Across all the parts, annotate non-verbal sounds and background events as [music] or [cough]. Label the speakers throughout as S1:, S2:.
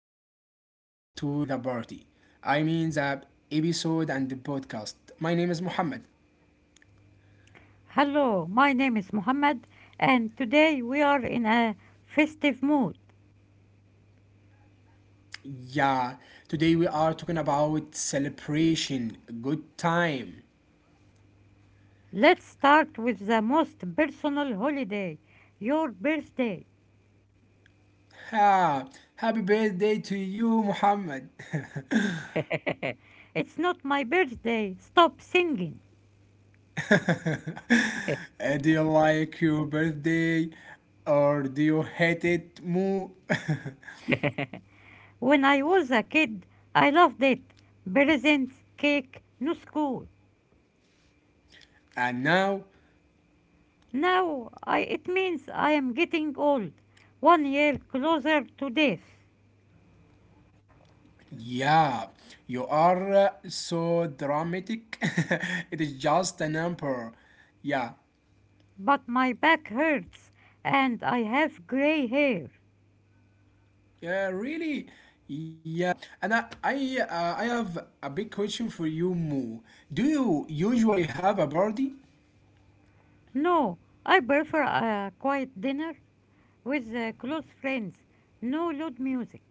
S1: back to the party. The episode and the podcast. My name is Muhammad.
S2: Hello, my name is Mohammed, and today we are in a festive mood.
S1: Yeah, today we are talking about celebration, good time.
S2: Let's start with the most personal holiday your birthday.
S1: Ha! Happy birthday to you, Muhammad. [laughs]
S2: [laughs] it's not my birthday, stop singing.
S1: Do you like your birthday or do you hate it more?
S2: When I was a kid, I loved it. Presents, cake, no school.
S1: [laughs] And now
S2: Now I, it means I am getting old, one year closer to death.
S1: yeah, you are so dramatic. [laughs] It is just a number. Yeah,
S2: But my back hurts and I have gray hair.
S1: yeah, really. Yeah, and I have a big question for you, Mo. Do you usually have a party?
S2: No, I prefer a quiet dinner with close friends. No loud music.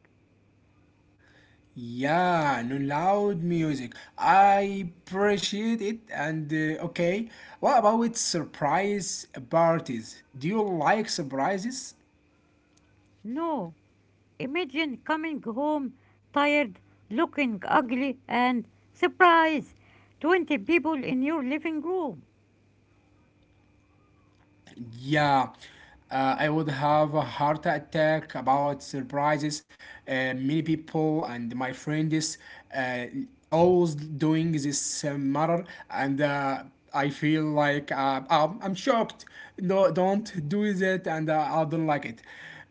S1: Yeah, no loud music. I appreciate it. And Okay, what about with surprise parties? Do you like surprises?
S2: No, imagine coming home tired, looking ugly, and surprise, 20 people in your living room.
S1: Yeah, I would have a heart attack about surprises. Many people and my friends uh, always doing this matter, and I feel like I'm shocked. No, don't do that, and I don't like it.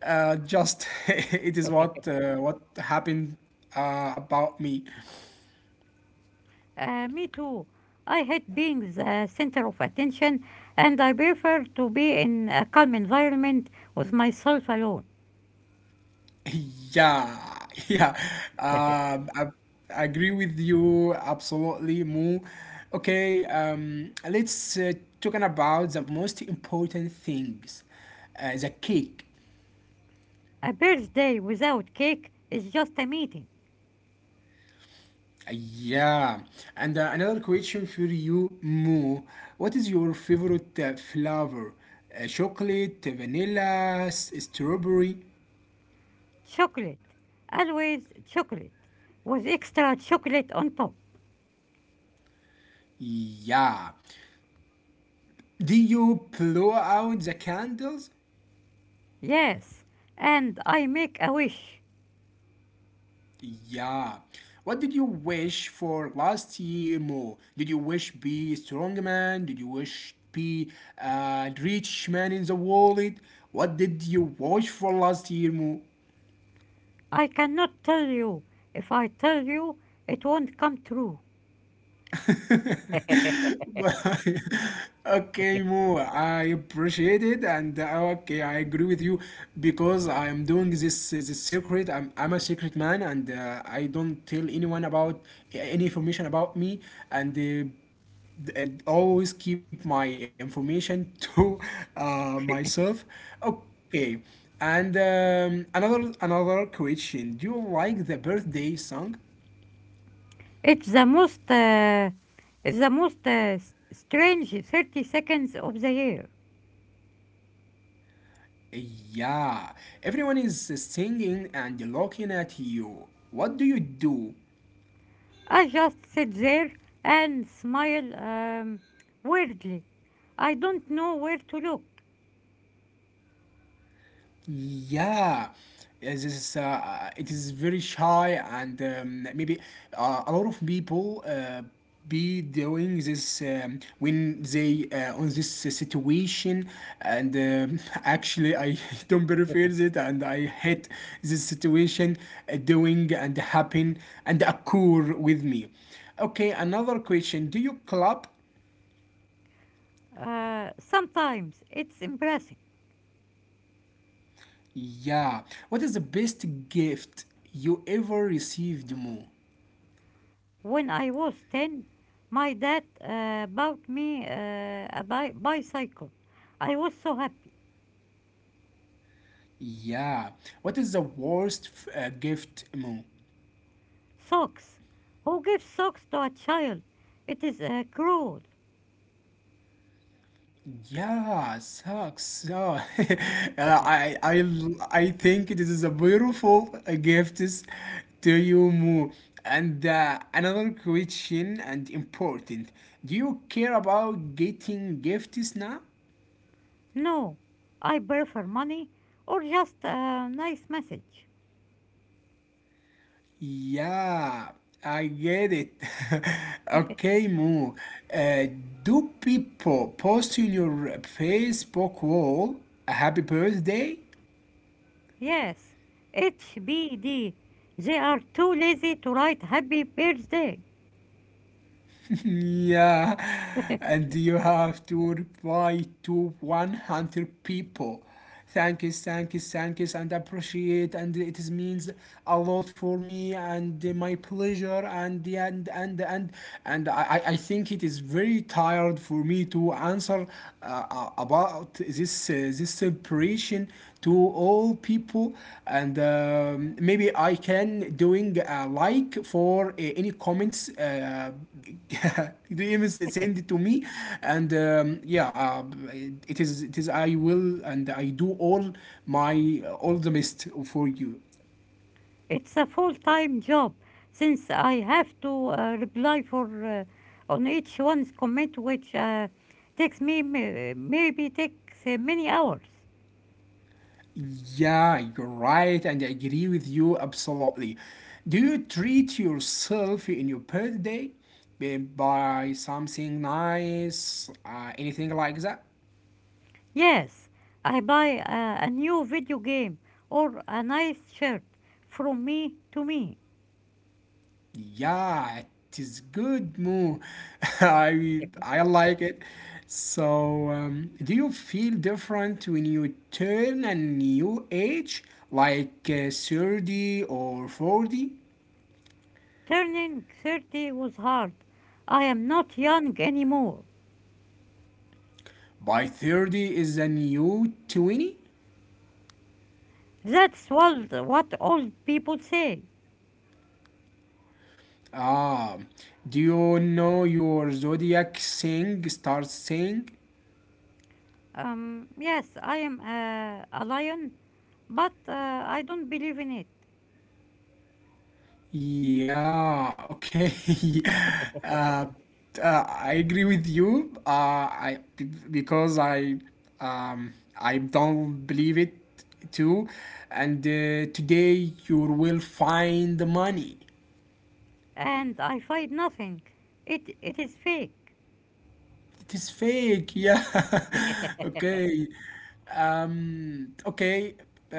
S1: Just [laughs] it is what happened about me.
S2: Me too. I hate being the center of attention, and I prefer to be in a calm environment with myself alone.
S1: Yeah, [laughs] yeah. Um, I, I agree with you absolutely, Mo. Okay, let's talking about the most important things, the cake.
S2: A birthday without cake is just a meeting.
S1: Yeah, and another question for you, Mo. What is your favorite flavor? Chocolate, vanilla, strawberry?
S2: Chocolate. Always chocolate. With extra chocolate on top.
S1: Yeah. Do you blow out the candles?
S2: Yes. And I make a wish.
S1: Yeah. What did you wish for last year more? Did you wish be a strong man? Did you wish be a rich man in the world? What did you wish for last year more?
S2: I cannot tell you. If I tell you, it won't come true.
S1: [laughs] But- okay, Mo, I appreciate it, and okay, I agree with you because I am doing this secret. I'm a secret man, and I don't tell anyone about any information about me, and. Always keep my information [laughs] to myself. Okay, and another question. Do you like the birthday song?
S2: It's the most, uh, it's the most s- strange 30 seconds of the year.
S1: Yeah, everyone is singing and looking at you. What do you do?
S2: I just sit there and smile weirdly. I don't know where to look.
S1: Yeah, it is very shy, and maybe a lot of people be doing this when they on this situation. And [laughs] actually, I [laughs] don't prefer
S2: [laughs]
S1: it, and I hate this situation doing and happen and occur with me. Okay, another question: do you clap?
S2: Sometimes it's embarrassing.
S1: Yeah. What is the best gift you ever received, Mo?
S2: When I was 10, my dad bought me a bicycle. I was so happy.
S1: Yeah. What is the worst gift, Mo?
S2: Socks. Who gives socks to a child? It is cruel.
S1: Yeah, sucks. So, [laughs] I, I, I think this is a beautiful gift is to you, Mo. And another question and important. Do you care about getting gifts now?
S2: No, I prefer money or just a nice message.
S1: Yeah, I get it. [laughs]
S2: [laughs]
S1: Okay, Moo. Uh, do people post in your Facebook wall a happy birthday?
S2: yes, HBD. They are too lazy to write happy birthday.
S1: [laughs] Yeah, and you have to reply to 100 people. Thank you, thank you, thank you, and appreciate, and it is means a lot for me and my pleasure, and I think it is very tired for me to answer about this separation to all people, and maybe I can doing a like for any comments. [laughs] Do you even
S2: [laughs]
S1: send it to me and yeah, it is I will and I do all my all the best for you.
S2: It's a full-time job since I have to reply for on each one's comment, which takes me maybe takes many hours.
S1: Yeah, you're right and I agree with you absolutely. Do you treat yourself in your birthday, by something nice, anything like that?
S2: Yes, I buy a new video game or a nice shirt from me to me.
S1: Yeah, it is good, Mo. [laughs]
S2: [laughs]
S1: I like it. So, do you feel different when you turn a new age, like 30 or 40?
S2: Turning 30 was hard. I am not young anymore.
S1: By 30 is a new 20?
S2: That's what old people say.
S1: Ah, do you know your zodiac thing starts saying?
S2: Yes, I am a lion. But I don't believe in it,
S1: Yeah, okay. [laughs] uh, I agree with you. Because um, I don't believe it too. And today you will find the money.
S2: and I find nothing. It is fake.
S1: It is fake, yeah. [laughs] Okay. Okay.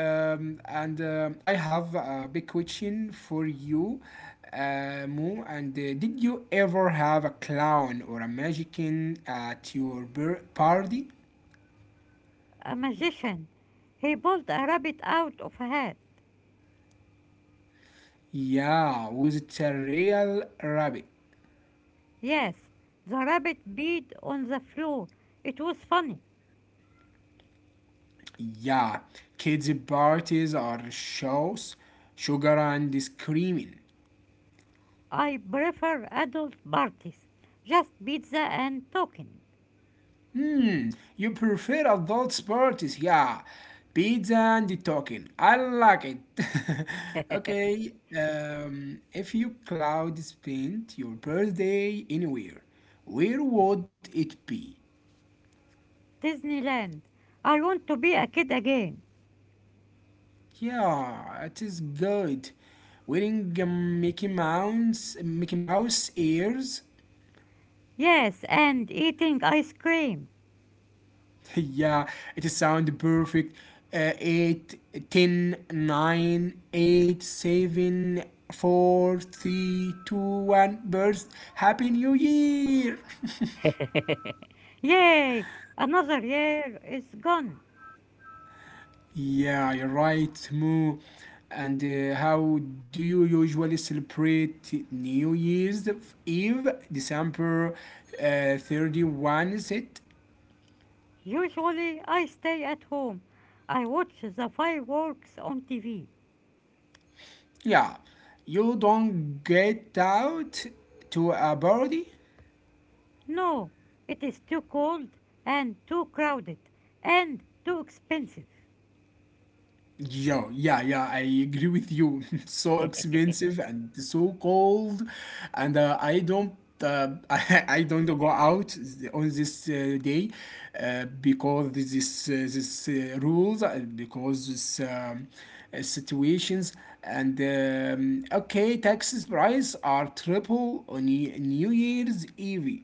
S1: And I have a big question for you, Mo. And did you ever have a clown or a magician at your party?
S2: A magician. He pulled a rabbit out of a hat.
S1: Yeah, was it a real rabbit?
S2: Yes, the rabbit beat on the floor. It was funny.
S1: Yeah, kids' parties are shows, sugar and screaming.
S2: I prefer adult parties, just pizza and talking.
S1: Hmm, you prefer adult parties, yeah. Pizza and talking. I like it. [laughs] Okay, if you cloud spent your birthday anywhere, where would it be?
S2: Disneyland. I want to be a kid again.
S1: Yeah, it is good. Wearing Mickey Mouse ears.
S2: Yes, and eating ice cream.
S1: Yeah, it sounds perfect. 8, ten, nine, eight, seven, four, three, two, 1, burst. Happy New Year!
S2: Yay! Another year is gone.
S1: Yeah, you're right, Mu. And how do you usually celebrate New Year's Eve? December 31st, is it?
S2: Usually I stay at home. I watch the fireworks on TV.
S1: Yeah. You don't get out to a party?
S2: No, it is too cold and too crowded and too expensive.
S1: Yo, yeah, yeah, I agree with you. [laughs] So expensive and so cold, and I don't, [laughs] I don't go out on this day because this rules because this situations and okay, taxes price are triple on New Year's Eve.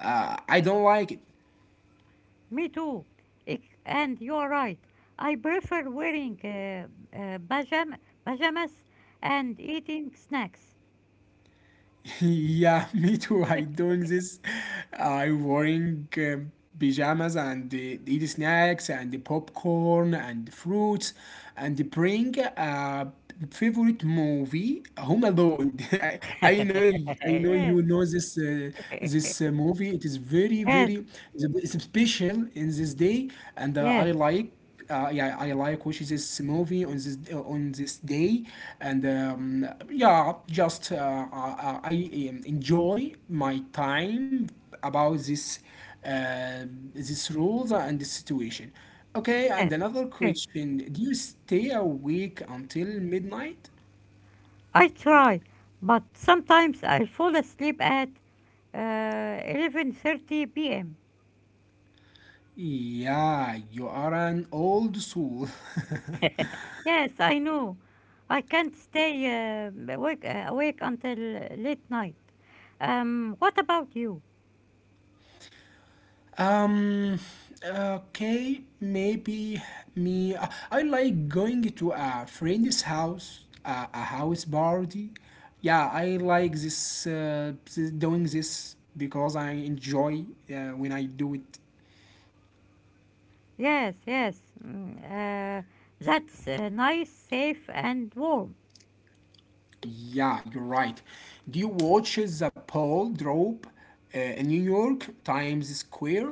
S1: I don't like it.
S2: Me too. And you're right. I prefer wearing uh, pajam- pajamas and eating snacks.
S1: [laughs] Yeah, me too. I doing this. I wearing pajamas and eat snacks and the popcorn and fruits and bring a favorite movie Home Alone. [laughs] I know
S2: [laughs]
S1: I know you
S2: Yes,
S1: know this movie. It is very it's special in this day and
S2: yes, yes,
S1: I like yeah, I like watch this movie on this day, and yeah, I enjoy my time about this uh, this rules and the situation. Okay, and
S2: yes.
S1: another
S2: Okay.
S1: question: do you stay awake until midnight?
S2: I try, but sometimes I fall asleep at 11:30 p.m.
S1: Yeah, you are an old soul. [laughs]
S2: Yes, I know. I can't stay awake until late night. What about you?
S1: Um, okay, maybe me. I like going to a friend's house, a house party. Yeah, I like doing this because I enjoy when I do it.
S2: Yes, yes. That's nice, safe, and warm.
S1: Yeah, you're right. Do you watch the Paul drop in New York Times Square?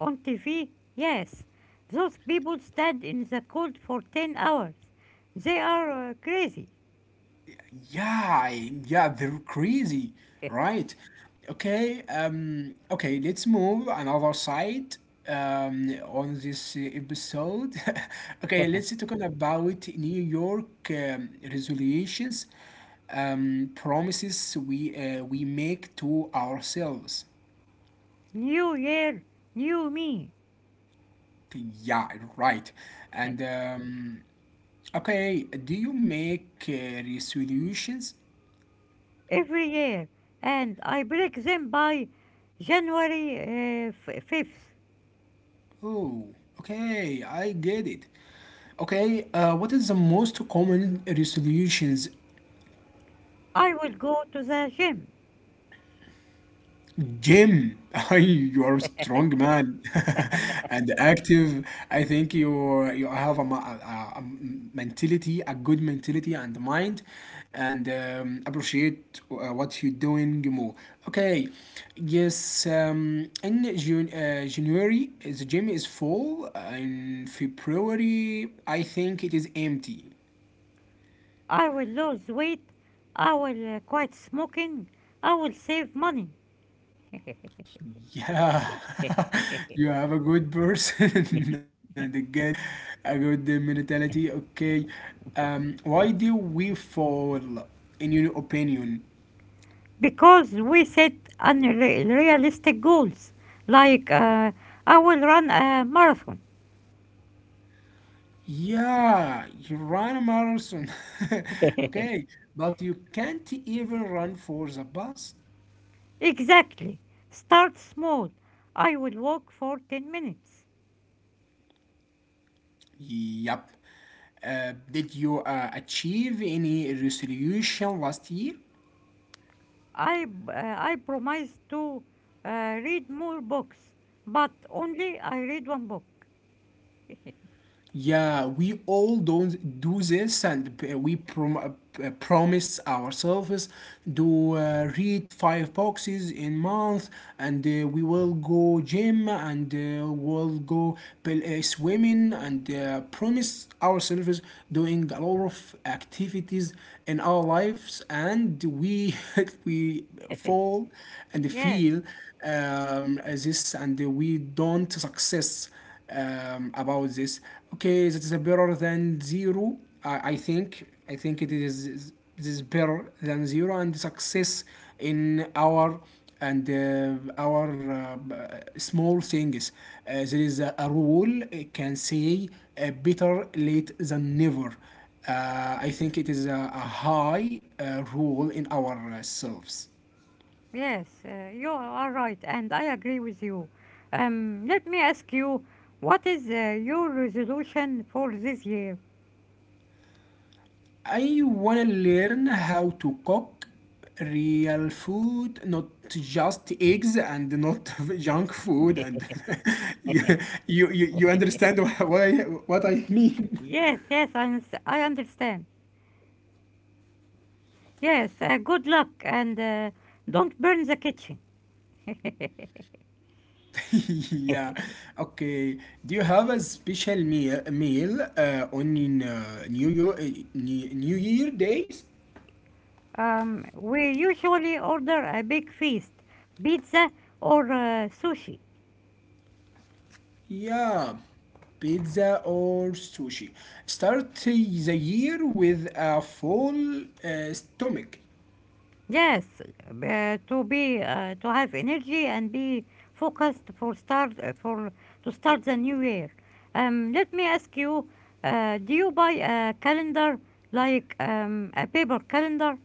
S2: On TV, yes. Those people stand in the cold for 10 hours. They are crazy.
S1: Yeah, yeah, they're crazy,
S2: [laughs]
S1: right? Okay, okay, let's move another side on this episode. [laughs] Okay, let's talk about New York resolutions, promises we make to ourselves.
S2: New year, new me.
S1: Yeah, right. And okay, do you make resolutions?
S2: Every year. And I break them by January 5th.
S1: Oh, okay, I get it. Okay, what is the most common resolutions?
S2: I will go to the gym.
S1: Gym. [laughs] You are strong man [laughs] and active. I think you have a mentality, a good mentality and mind, and appreciate what you're doing more. Okay, yes. In January, the gym is full. In February, I think it is empty.
S2: I will lose weight. I will quit smoking. I will save money. [laughs]
S1: Yeah, [laughs] you have a good person [laughs] and a good mentality. Okay, why do we fall, in your opinion?
S2: Because we set unrealistic goals. Like, I will run a marathon.
S1: Yeah, you run a marathon. [laughs] Okay, but you can't even run for the bus.
S2: Exactly. Start small. I will walk for 10 minutes.
S1: Yep. Did you achieve any resolution last year?
S2: I I promise to read more books, but only I read one book.
S1: Yeah, we all don't do this, and we promise ourselves to read five boxes in month, and we will go gym, and we'll go swimming, and promise ourselves doing a lot of activities in our lives, and we [laughs] we
S2: [laughs]
S1: fall and
S2: Yes.
S1: feel this, and we don't success about this. Okay, that is better than zero. I think it is this is better than zero and success in our and our small things. There is a rule it can say better late than never. Uh, I think it is a high rule in ourselves.
S2: Yes, you are right, and I agree with you. Let me ask you, what is your resolution for this year?
S1: I wanna learn how to cook real food, not just eggs and not [laughs] junk food. And [laughs] you, you understand what I mean?
S2: Yes, yes, I understand. Yes, good luck, and don't burn the kitchen.
S1: [laughs] Yeah. Okay. Do you have a special meal on New Year days?
S2: We usually order a big feast, pizza or sushi.
S1: Yeah, pizza or sushi. Start the year with a full stomach.
S2: Yes, to be to have energy and be focused for start for to start the new year. Let me ask you, do you buy a calendar like a paper calendar?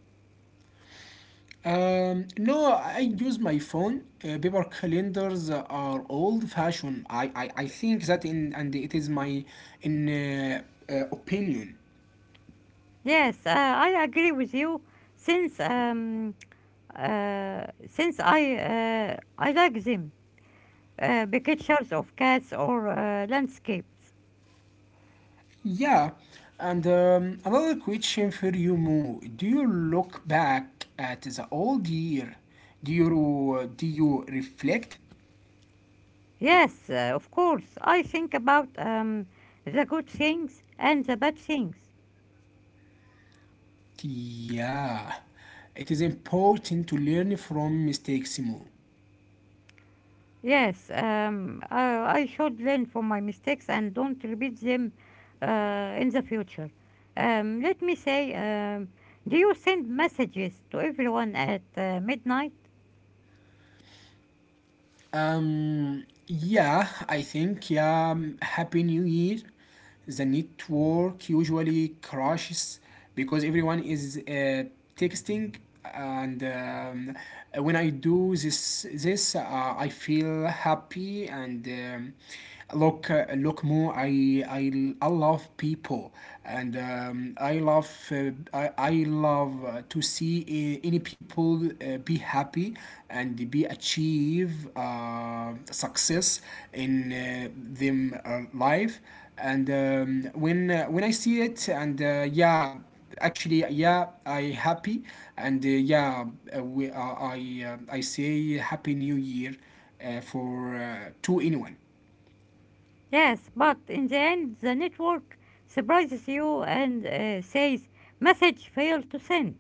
S1: No, I use my phone. Paper calendars are old-fashioned. I think that in and it is my in opinion.
S2: Yes, I agree with you. Since um, since I like them, pictures of cats or landscapes.
S1: Yeah, and another question for you, Mo. Do you look back at the old year? Do you reflect?
S2: Yes, of course. I think about the good things and the bad things.
S1: Yeah, it is important to learn from mistakes, Mo.
S2: Yes, I should learn from my mistakes and don't repeat them in the future. Let me say, do you send messages to everyone at midnight?
S1: Yeah, Happy New Year. The network usually crashes because everyone is texting, and when I do this, this I feel happy and look, look, Mo. I love people, and I love to see any people be happy and be achieve success in them life. And when I see it, and yeah, actually, yeah, I happy, and I say Happy New Year for to anyone.
S2: Yes, but in the end, the network surprises you and says, message failed to send.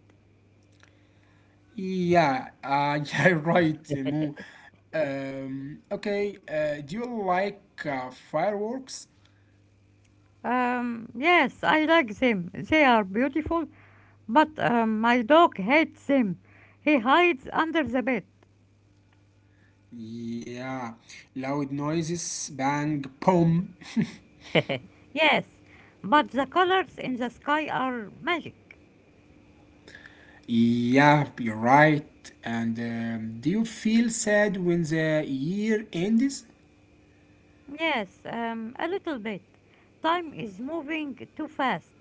S1: Yeah, [laughs] yeah, right, Mo. Okay, do you like fireworks?
S2: Yes, I like them. They are beautiful. But my dog hates him. He hides under the bed.
S1: Yeah, loud noises, bang, boom.
S2: [laughs] yes, but the colors in the sky are magic.
S1: Yeah, you're right. And do you feel sad when the year ends?
S2: Yes, a little bit. Time is moving too fast.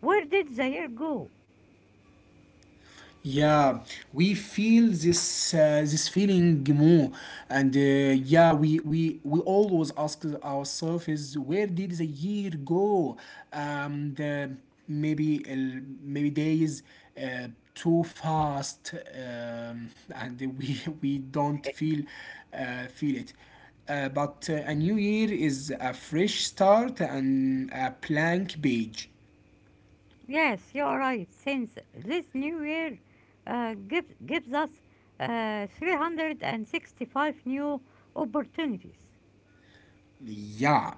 S2: Where did the year go?
S1: Yeah, we feel this this feeling more, and yeah, we always ask ourselves, is where did the year go? The maybe maybe days too fast, and we [laughs] we don't
S2: [laughs]
S1: feel feel it. But a new year is a fresh start and a blank page.
S2: Yes, you're right. Since this new year gives us 365 new opportunities.
S1: Yeah,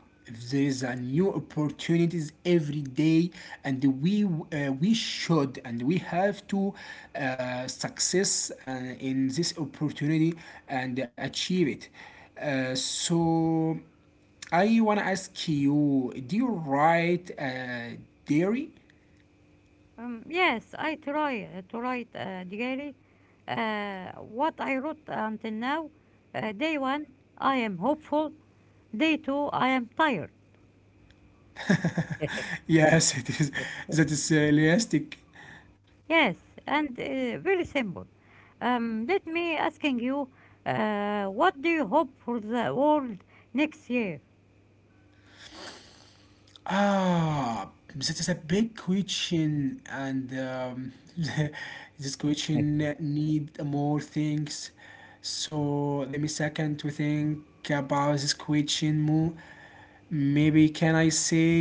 S1: there's a new opportunities every day, and we should and we have to success in this opportunity and achieve it. So I wanna ask you, do you write dairy?
S2: Yes, I try to write daily. What I wrote until now, day one, I am hopeful. Day two, I am tired.
S1: [laughs] Yes, it is. That is realistic.
S2: Yes, and very simple. Let me asking you, what do you hope for the world next year?
S1: Ah, that is a big question, and [laughs] this question
S2: [laughs]
S1: need more things. So let me second to think about this question more. Maybe can I say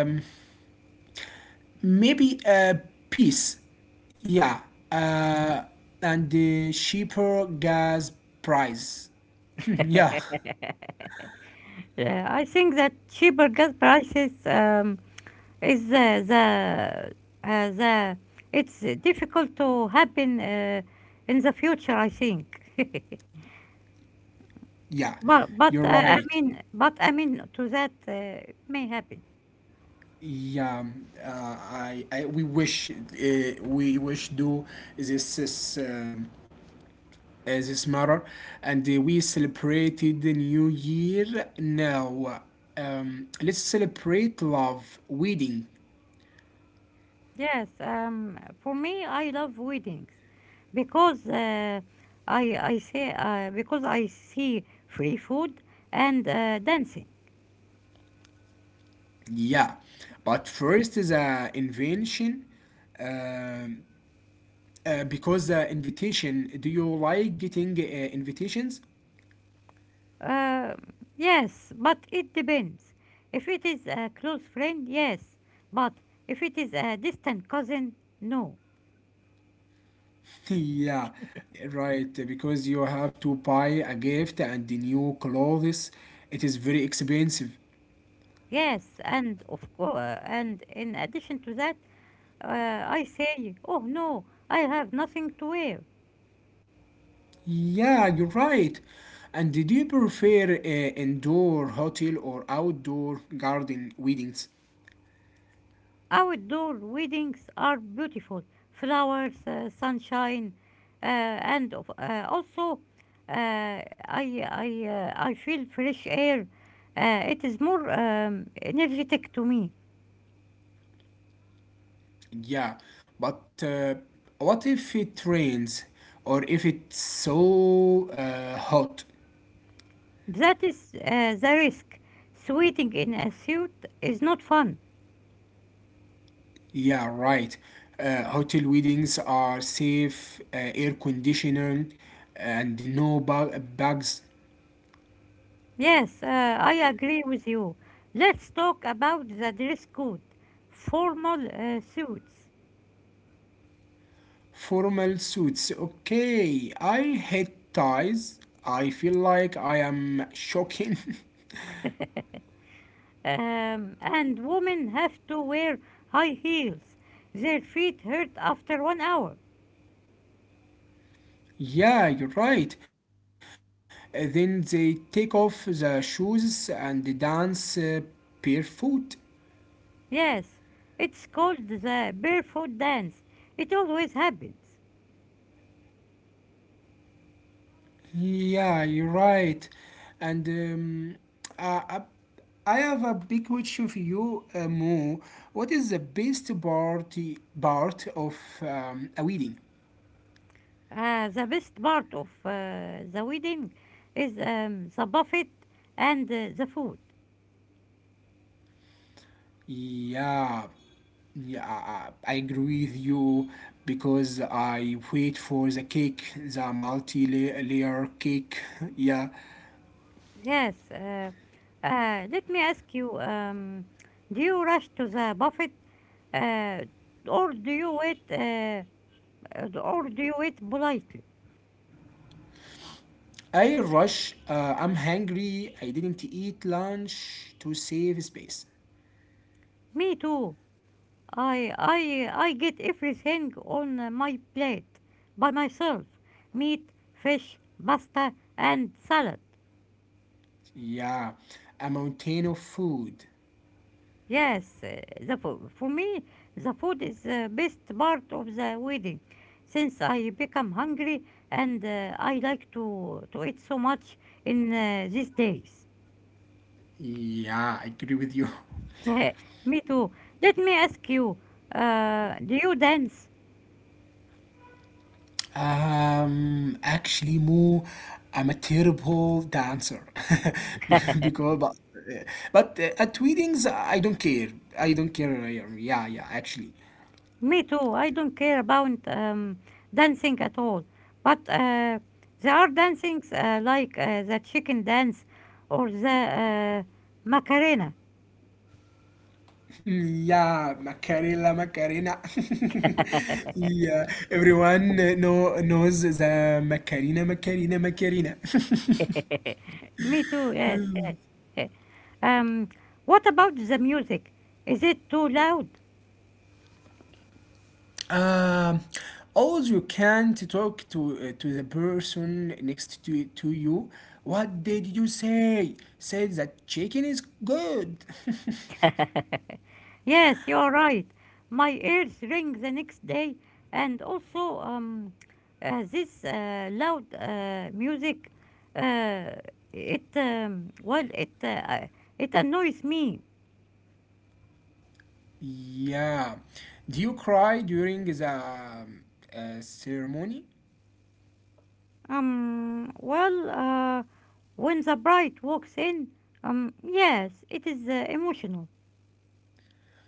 S1: maybe a piece? Yeah, uh, and the cheaper gas price. [laughs] Yeah,
S2: Yeah, I think that cheaper gas prices. Is the It's difficult to happen in the future, I think. [laughs]
S1: yeah,
S2: But but
S1: you're
S2: uh, I
S1: right.
S2: mean, but I mean to that it may happen.
S1: Yeah, I we wish do this this matter, and we celebrated the new year now. Let's celebrate love wedding.
S2: Yes, for me, I love weddings because I say because I see free food and dancing.
S1: Yeah, but first is a invention. Um, because the invitation. Do you like getting invitations?
S2: Uh, yes, but it depends. If it is a close friend, yes. But if it is a distant cousin, no.
S1: [laughs] Yeah, right. Because you have to buy a gift and the new clothes. It is very expensive.
S2: Yes, and of course, and in addition to that, I say, oh no, I have nothing to wear.
S1: Yeah, you're right. And did you prefer indoor hotel or outdoor garden weddings?
S2: Outdoor weddings are beautiful, flowers, sunshine, also, uh, I I feel fresh air. It is more energetic to me.
S1: Yeah, but what if it rains or if it's so hot?
S2: That is the risk. Sweating in a suit is not fun.
S1: Yeah, right. Hotel weddings are safe, air conditioning, and no bugs.
S2: Yes, I agree with you. Let's talk about the dress code. Formal suits.
S1: Formal suits. Okay, I hate ties. I feel like I am shocking.
S2: And women have to wear high heels. Their feet hurt after one hour.
S1: [laughs] Yeah, you're right. Then they take off the shoes and they dance barefoot.
S2: Yes, it's called the barefoot dance. It always happens.
S1: Yeah, you're right. And I, I I have a big question for you, Mo. What is the best party part of a wedding?
S2: The best part of the wedding is the buffet and the food.
S1: Yeah, yeah, I agree with you because I wait for the cake, the multi-layer cake. [laughs] Yeah,
S2: Yes. Let me ask you, do you rush to the buffet, uh, or do you wait, uh, or do you wait politely?
S1: I rush. I'm hungry. I didn't eat lunch to save space.
S2: Me too. I get everything on my plate by myself: meat, fish, pasta, and salad.
S1: Yeah, a mountain of food.
S2: Yes, the food. For me, the food is the best part of the wedding. Since I become hungry and I like to eat so much in these days.
S1: Yeah, I agree with you. [laughs]
S2: [laughs] Yeah, me too. Let me ask you, do you dance?
S1: Actually, Mo, I'm a terrible dancer. [laughs] Be-
S2: [laughs]
S1: because, but, but at weddings, I don't care. I don't care. Yeah, yeah, actually. [laughs]
S2: Me too. I don't care about dancing at all. But there are dancings like the chicken dance or the Macarena.
S1: Yeah, Macarena, Macarena. [laughs] Yeah, everyone knows the Macarena, Macarena, Macarena.
S2: [laughs] Me too, yes, yes.
S1: [laughs]
S2: [laughs] Um, what about the music? Is it too loud?
S1: Um, always you can to talk to the person next to you. What did you say? Said that chicken is good. [laughs]
S2: Yes, you're right. My ears ring the next day, and also this loud music, uh, it um, well, it uh, uh, it annoys me.
S1: Yeah. Do you cry during the ceremony?
S2: Well, when the bride walks in, yes, it is emotional.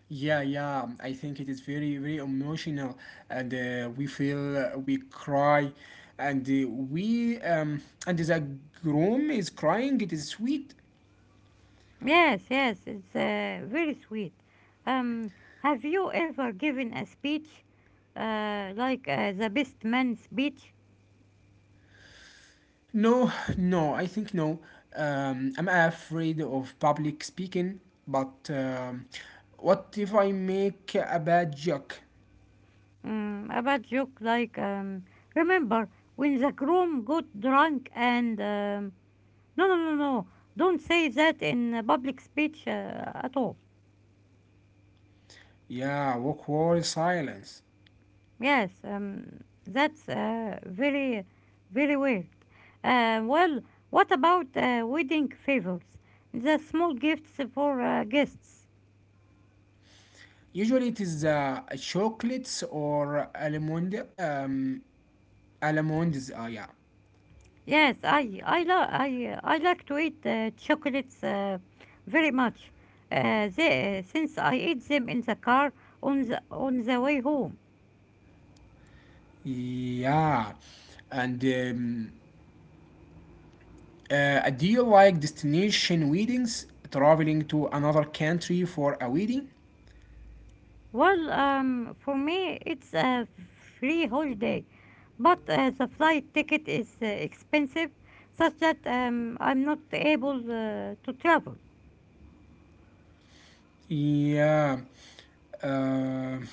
S1: Yeah, yeah. I think it is very, very emotional, and we feel we cry, and we and the groom is crying. It is sweet.
S2: Yes, yes, it's very sweet. Um, have you ever given a speech, like the best man speech,
S1: No, [sighs] no, I think no. I'm afraid of public speaking, but what if I make a bad joke?
S2: about joke like, remember when the groom got drunk and no, no, no, no, don't say that in a public speech at all.
S1: Yeah, awkward silence.
S2: Yes, that's very, very weird. Well, what about wedding favors? The small gifts for guests.
S1: Usually it is a chocolates or almond, almonds. Yeah,
S2: Yes, I love I like to eat chocolates very much. They, since I eat them in the car on the way home.
S1: yeah. And do you like destination weddings? Traveling to another country for a wedding?
S2: Well, for me it's a free holiday, but the flight ticket is expensive, such that I'm not able to travel.
S1: Yeah. Um,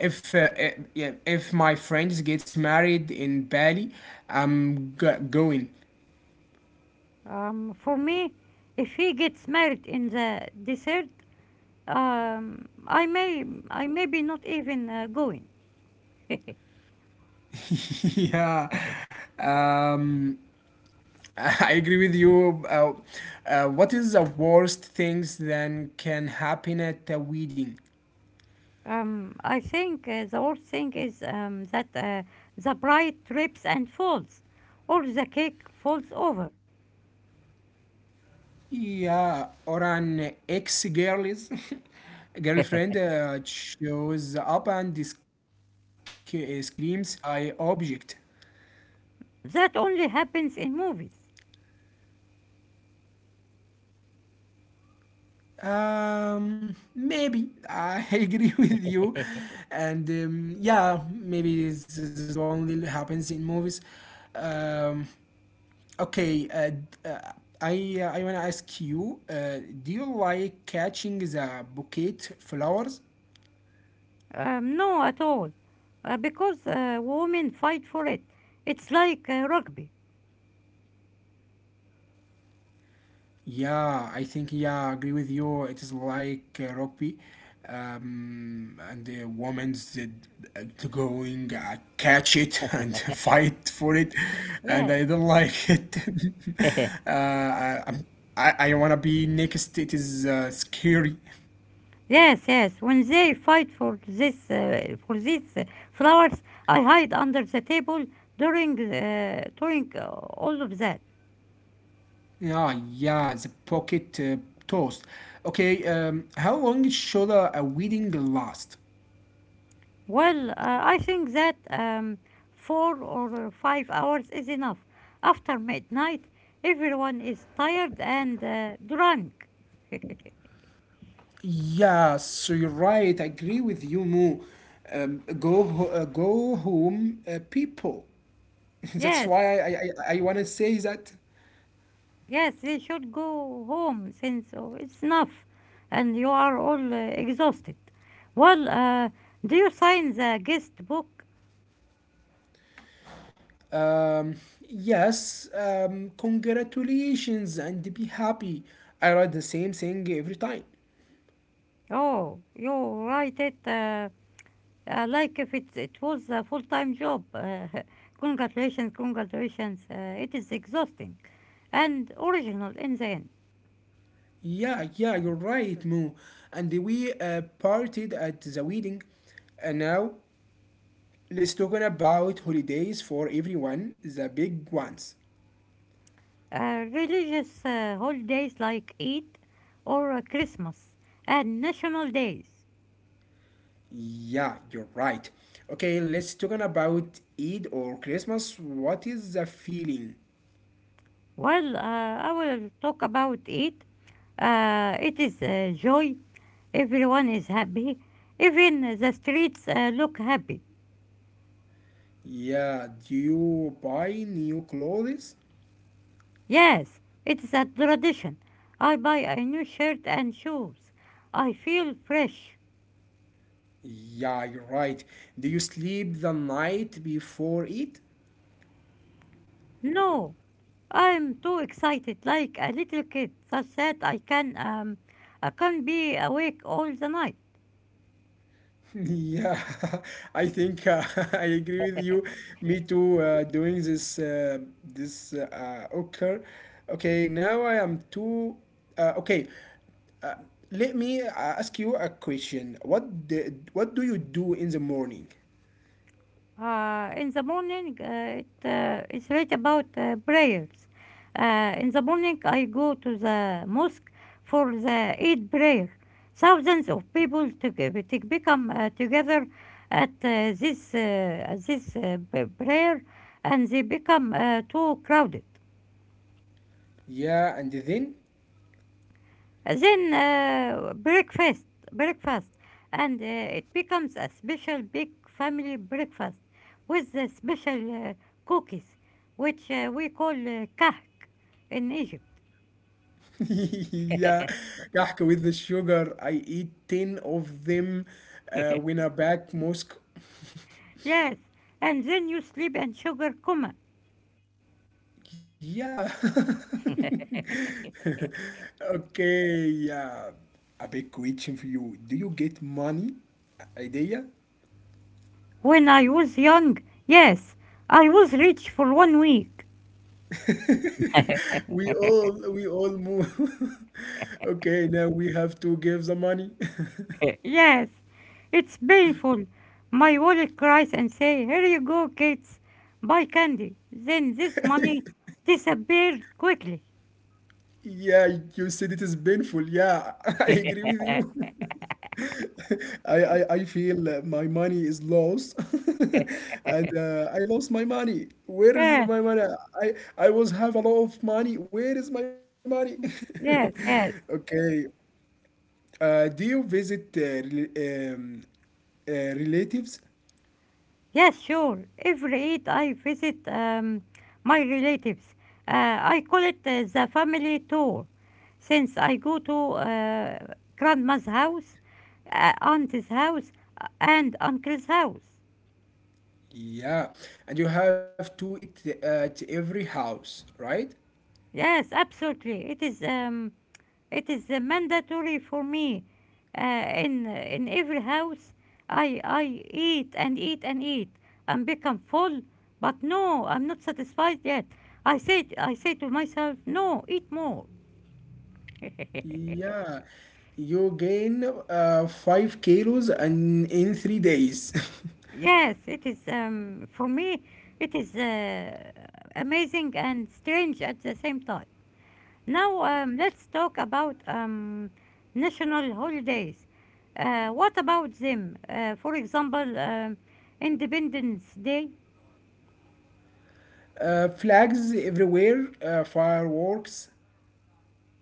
S1: if yeah, if my friends gets married in Bali, I'm going.
S2: For me, if he gets married in the desert, um, I may I may be not even going.
S1: [laughs] Yeah,
S2: [laughs]
S1: um, [laughs] I agree with you. What is the worst things that can happen at a wedding?
S2: I think the worst thing is that the bride trips and falls, or the cake falls over.
S1: Yeah, or an ex girl's [laughs] girlfriend shows up and screams, "I object."
S2: That only happens in movies.
S1: Maybe I [laughs] agree with you, and yeah, maybe this is only happens in movies. Um, okay, uh, I wanna ask you, do you like catching the bouquet flowers?
S2: No, at all, because women fight for it. It's like rugby.
S1: Yeah, I think yeah, I agree with you. It is like rugby, and the women's did to going catch it [laughs] and fight for it, and
S2: Yeah.
S1: I don't like it. [laughs]
S2: [laughs]
S1: I, I'm- I wanna be next. It is scary.
S2: Yes, yes. When they fight for this, for these flowers, I hide under the table during all of that.
S1: Yeah, yeah, the pocket toast. Okay, how long should a wedding last?
S2: Well, I think that four or five hours is enough. After midnight, everyone is tired and drunk. [laughs]
S1: Yeah, so you're right. I agree with you, Mo. Go home, people. [laughs] That's
S2: Yes,
S1: why I want to say that.
S2: yes, they should go home since it's enough and you are all exhausted. Well, do you sign the guest book?
S1: Um, yes, congratulations and be happy. I write the same thing every time.
S2: Oh, you write it like if it was a full-time job. [laughs] Congratulations, congratulations. It is exhausting. And original in the end.
S1: Yeah, yeah, you're right, Mo. And we partied at the wedding. And now let's talk about holidays for everyone, the big ones.
S2: Religious holidays like Eid or Christmas and national days.
S1: Yeah, you're right. Okay, let's talk about Eid or Christmas. What is the feeling?
S2: Well, I will talk about Eid. It is joy. Everyone is happy. Even the streets look happy.
S1: Yeah, do you buy new clothes?
S2: Yes, it is a tradition. I buy a new shirt and shoes. I feel fresh.
S1: Yeah, you're right. Do you sleep the night before it?
S2: No, I'm too excited, like a little kid, such that I can be awake all the night.
S1: Yeah, [laughs] I think [laughs] I agree with you. Me too. Doing this, occur. Okay, now I am too. Uh, okay, uh, let me ask you a question. What the, what do you do in the morning?
S2: In the morning, it's right about prayers. In the morning, I go to the mosque for the Eid prayer. Thousands of people to become together at prayer, and they become too crowded.
S1: Yeah, and then.
S2: Then breakfast, and it becomes a special big family breakfast with the special cookies, which we call kahk in Egypt.
S1: [laughs] Yeah, cake with the sugar. I eat ten of them when I back mosque.
S2: Yes, and then you sleep and sugar coma.
S1: Yeah. [laughs] Okay, yeah. A big question for you. Do you get money? Idea? [laughs]
S2: When I was young, yes, I was rich for 1 week.
S1: We all move. [laughs] Okay, now we have to give the money.
S2: Yes, it's painful. My wallet cries and say, "Here you go, kids, buy candy." Then this money disappeared quickly.
S1: Yeah, you said it is painful. Yeah, [laughs] I agree with you. [laughs] I feel my money is lost. [laughs] And I lost my money. Where is
S2: Yes,
S1: my money? I was have a lot of money. Where is my money? [laughs]
S2: yes, yes.
S1: Okay. Do you visit rel- um, uh, relatives?
S2: Yes, sure. Every Eid I visit my relatives. I call it the family tour. Since I go to grandma's house, auntie's house, and uncle's house.
S1: Yeah. And you have to eat at every house, right?
S2: Yes, absolutely. It is mandatory for me. In every house, I eat and eat and eat and become full. But no, I'm not satisfied yet. I say to myself, no, eat more. [laughs]
S1: Yeah, you gain 5 kilos and in 3 days.
S2: Yes, it is for me. It is amazing and strange at the same time. Now, let's talk about national holidays. What about them? For example, Independence Day.
S1: [laughs] Uh, flags everywhere, fireworks.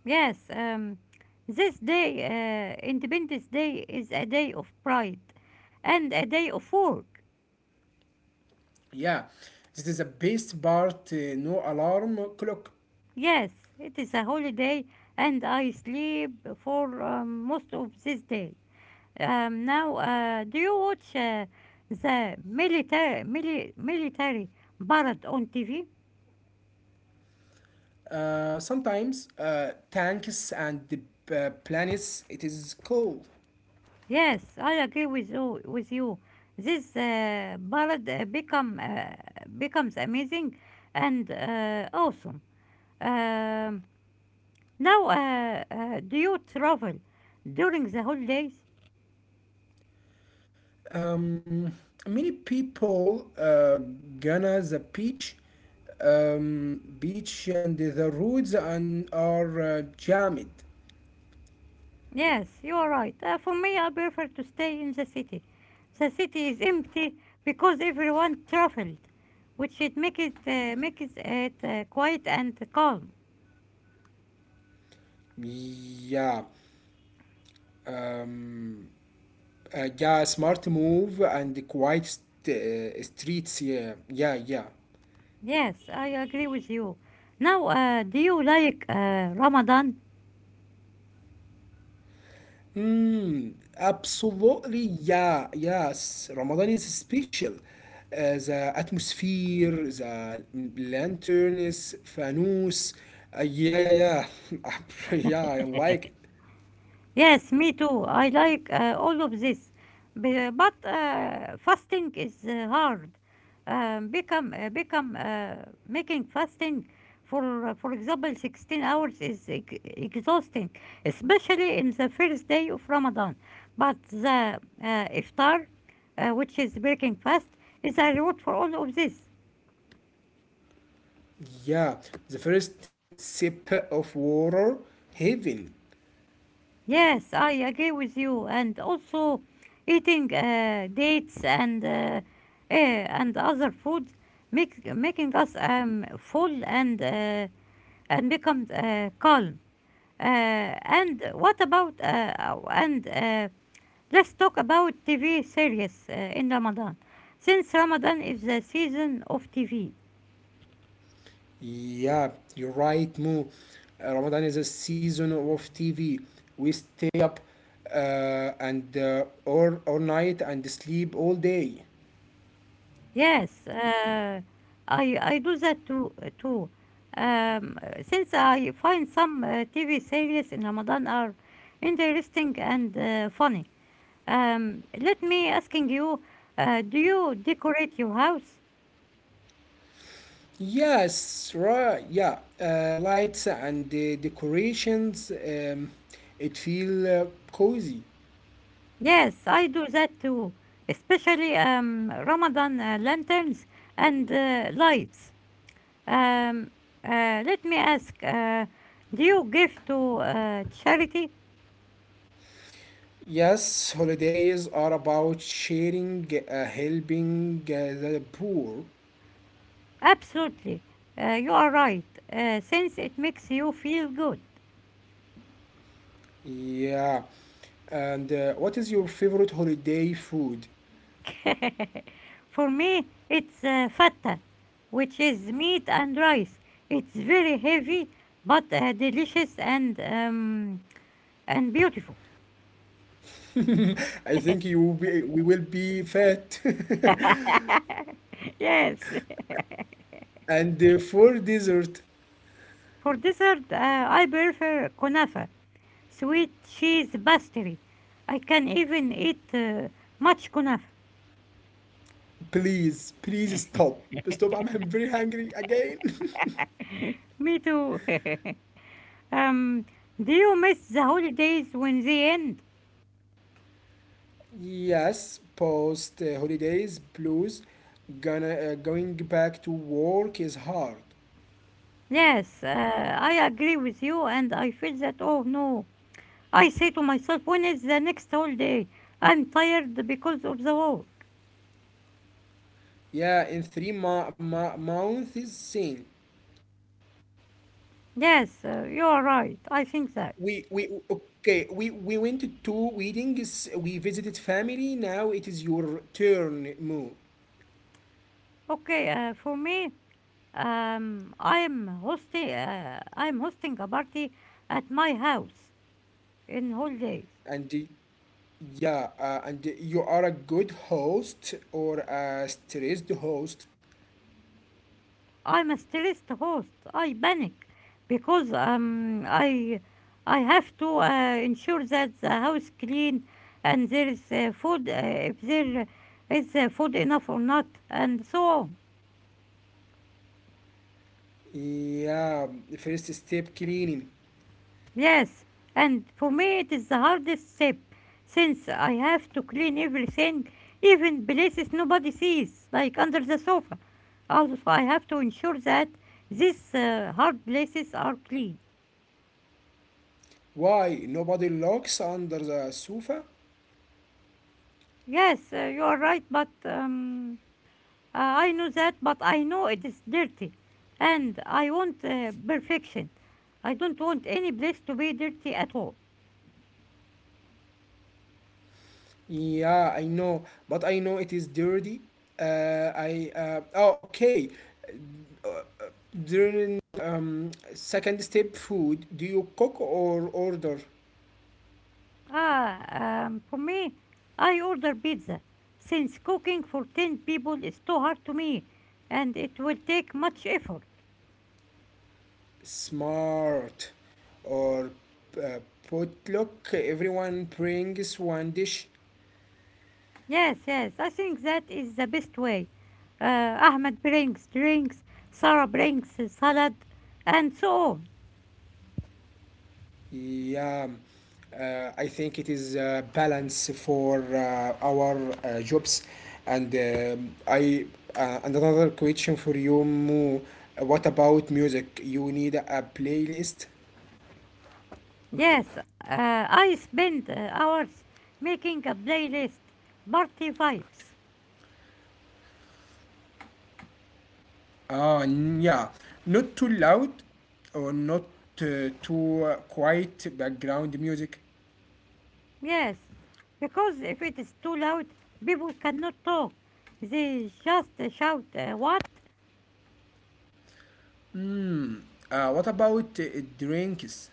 S2: Yes, this day, Independence Day, is a day of pride and a day of work.
S1: Yeah, this is the best part. No alarm clock.
S2: Yes, it is a holiday, and I sleep for most of this day. Now, do you watch the military parade on TV?
S1: Sometimes tanks and the planets. It is cool.
S2: Yes, I agree with you. With you, this ballad becomes amazing and awesome. Um, Now, do you travel during the holidays?
S1: Um, many people gonna the beach beach and the roads and are jammed.
S2: Yes, you are right. For me, I prefer to stay in the city. The city is empty because everyone traveled, which it make it makes it quiet and calm.
S1: Yeah, um, yeah, smart move and quite streets. Yeah, yeah, yeah.
S2: Yes, I agree with you. Now, do you like Ramadan?
S1: Mm, absolutely, yeah, yes. Ramadan is special. The atmosphere, the lanterns, fanus. Yeah, yeah, yeah. [laughs] Yeah, I like it.
S2: Yes, me too. I like all of this. But fasting is hard. Become become Making fasting for example 16 hours is ex exhausting, especially in the first day of Ramadan. But the iftar, which is breaking fast, is a reward for all of this.
S1: Yeah, the first sip of water, heaven.
S2: Yes, I agree with you. And also, eating dates and and other foods makes making us full and becomes calm. Uh, and what about oh, and Let's talk about TV series in Ramadan, since Ramadan is the season of TV.
S1: Yeah, you're right, Mo. Ramadan is a season of TV. We stay up and or all night and sleep all day.
S2: Yes, I do that too. Since I find some TV series in Ramadan are interesting and funny. Let me asking you, do you decorate your house?
S1: Yes, right. Yeah, lights and the decorations. It feel cozy.
S2: Yes, I do that too, especially Ramadan lanterns and lights. Um, Let me ask, do you give to charity?
S1: Yes, holidays are about sharing, helping the poor.
S2: Absolutely. You are right. Since it makes you feel good.
S1: Yeah. And what is your favorite holiday food?
S2: [laughs] For me, it's fatta, which is meat and rice. It's very heavy, but delicious and beautiful.
S1: I think you will be, we will be fat.
S2: [laughs] Yes.
S1: [laughs] And for dessert,
S2: For dessert, I prefer kunafa, sweet cheese pastry. I can even eat much kunafa.
S1: please, please stop. Stop, I'm very hungry again.
S2: Me too. [laughs] um, do you miss the holidays when they end?
S1: [laughs] Yes, post holidays blues. Gonna going back to work is hard.
S2: Yes, I agree with you, and I feel that, oh no. I say to myself, when is the next holiday? I'm tired because of the work.
S1: Yeah, in three months is same.
S2: Yes, you are right. I think that.
S1: We okay. We went to two weddings. We visited family. Now it is your turn, Mo,
S2: Okay, for me, I'm hosting a party at my house in holidays.
S1: and. Yeah, and you are a good host or a stressed host.
S2: I'm a stressed host. I panic because I have to ensure that the house clean and there is food if there is food enough or not and so on.
S1: Yeah, first step cleaning.
S2: Yes, and for me it is the hardest step since I have to clean everything, even places nobody sees, like under the sofa. Also, I have to ensure that these hard places are clean.
S1: Why? Nobody looks under the sofa?
S2: Yes, you are right, but I know that, but I know it is dirty. And I want perfection. I don't want any place to be dirty at all.
S1: Yeah, I know, but I know it is dirty. Uh, oh, okay. Uh, uh, during second step food, do you cook or order?
S2: For me, I order pizza, since cooking for 10 people is too hard to me, and it will take much effort.
S1: Smart. Or uh, potluck, everyone brings one dish.
S2: Yes, yes, I think that is the best way. Ahmed brings drinks, Sarah brings salad, and so on.
S1: Yeah, I think it is a balance for our jobs. And I and another question for you, Mo. What about music? You need a playlist?
S2: Yes, I spend hours making a playlist, party vibes.
S1: Yeah, not too loud or not too quiet background music.
S2: Yes, because if it is too loud, people cannot talk. They just shout, What?
S1: Hmm. What about drinks?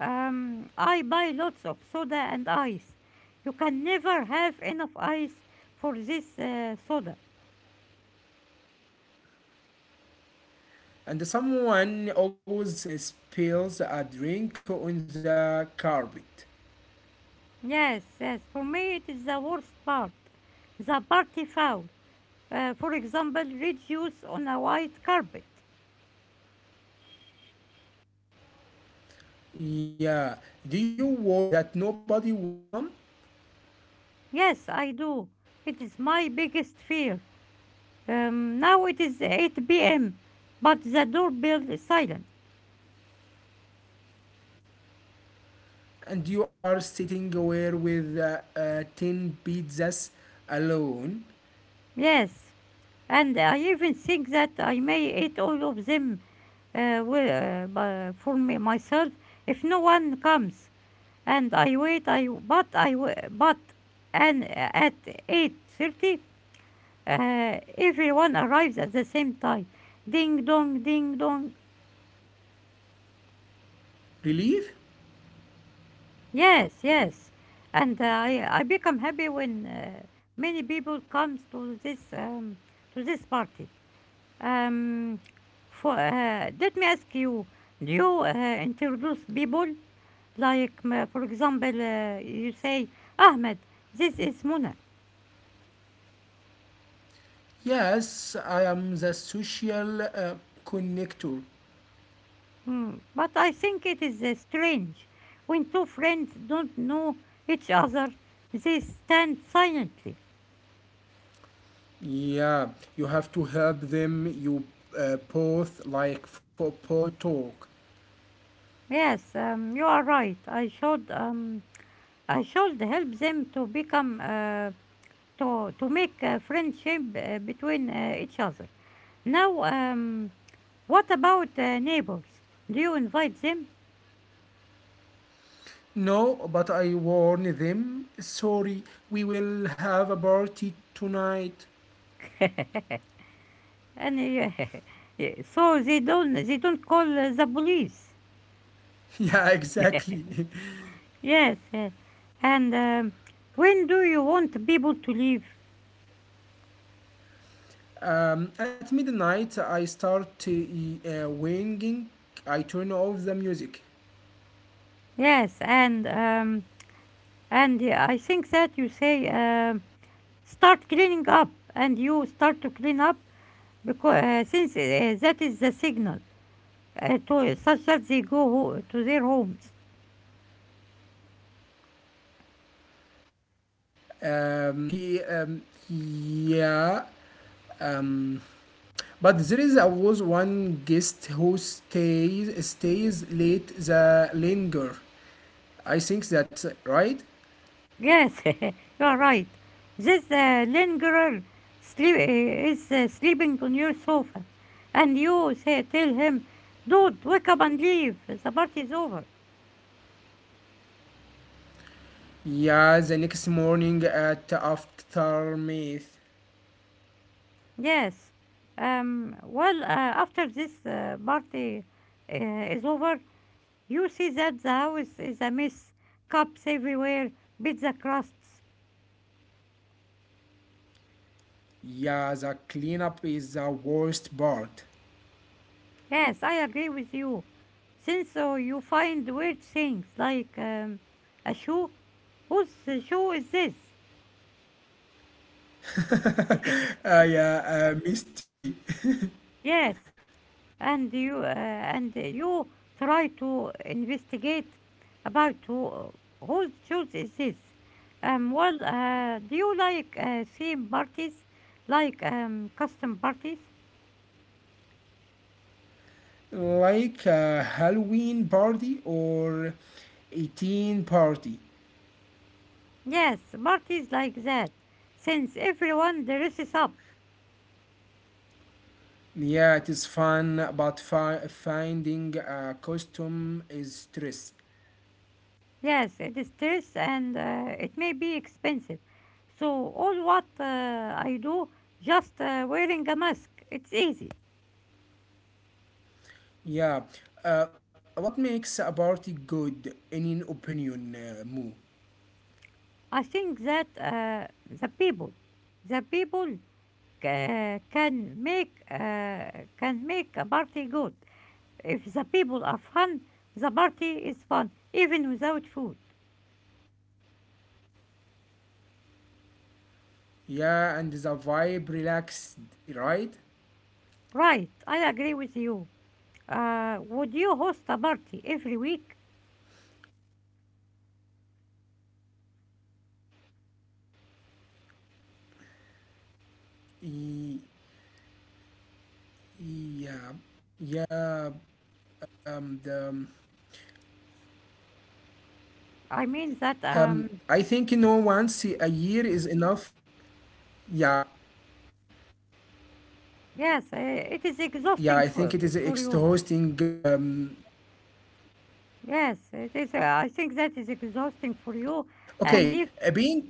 S2: I buy lots of soda and ice. You can never have enough ice for this soda.
S1: And someone always spills a drink on the carpet.
S2: Yes, yes, for me it is the worst part. The party foul. For example, red juice on a white carpet.
S1: Yeah. Do you worry that nobody will come?
S2: Yes, I do. It is my biggest fear. Now it is 8 p.m., but the doorbell is silent.
S1: And you are sitting where with 10 pizzas alone?
S2: Yes, and I even think that I may eat all of them for me, myself if no one comes. And I wait. I but I w- but and At 8:30, everyone arrives at the same time. Ding dong, ding dong.
S1: Relief?
S2: Yes, yes. And I become happy when many people comes to this party. Um, for Let me ask you, do you introduce people like, for example, you say, Ahmed, this is Muna.
S1: Yes, I am the social connector.
S2: Mm, but I think it is strange when two friends don't know each other. They stand silently.
S1: Yeah, you have to help them. You both like football talk.
S2: Yes, you are right. I should. I should help them to become to make a friendship between each other. Now, what about neighbors? Do you invite them?
S1: No, but I warn them. Sorry, we will have a party tonight. [laughs]
S2: [laughs] and [laughs] Yeah, so they don't call the police.
S1: Yeah, exactly.
S2: Yes, yeah. and When do you want people to leave?
S1: At midnight, I start to winging. I turn off the music.
S2: Yes, and I think that you say start cleaning up, and you start to clean up because since that is the signal to such that they to their homes.
S1: Um, he, um, yeah. Um, but there is always one guest who stays late. The linger. I think that's right.
S2: Yes, [laughs] you are right. This lingerer is sleeping on your sofa, and you say tell him, "Dude, wake up and leave. The party is over."
S1: Yeah, the next morning at aftermath.
S2: Yes. After this party uh, is over, you see that the house is a mess, cups everywhere, pizza crusts.
S1: Yeah, the cleanup is the worst part.
S2: Yes, I agree with you. Since you find weird things like a shoe, whose shoe is this?
S1: Yeah, mystery.
S2: Yes, and you try to investigate about whose shoes is this. Do you like theme parties, like custom parties?
S1: Like a Halloween party or 18 party.
S2: Yes, parties like that, since everyone dresses up.
S1: Yeah, it is fun, but finding a costume is stress.
S2: Yes, it is scarce and it may be expensive. So all what I do, just wearing a mask, it's easy.
S1: Yeah. What makes a party good in an opinion, Moo?
S2: I think that the people can make a party good. If the people are fun, the party is fun, even without food.
S1: Yeah, and the vibe relaxed, right?
S2: Right, I agree with you. Would you host a party every week?
S1: Y- yeah. Yeah, um, the,
S2: I mean that
S1: I think you know once a year is enough. Yeah,
S2: yes, it is
S1: yeah,
S2: exhausting
S1: I
S2: for
S1: think it is extra
S2: you.
S1: hosting.
S2: Yes, it is. I think that is exhausting for
S1: Yeah.
S2: you. And
S1: Okay,
S2: if
S1: being.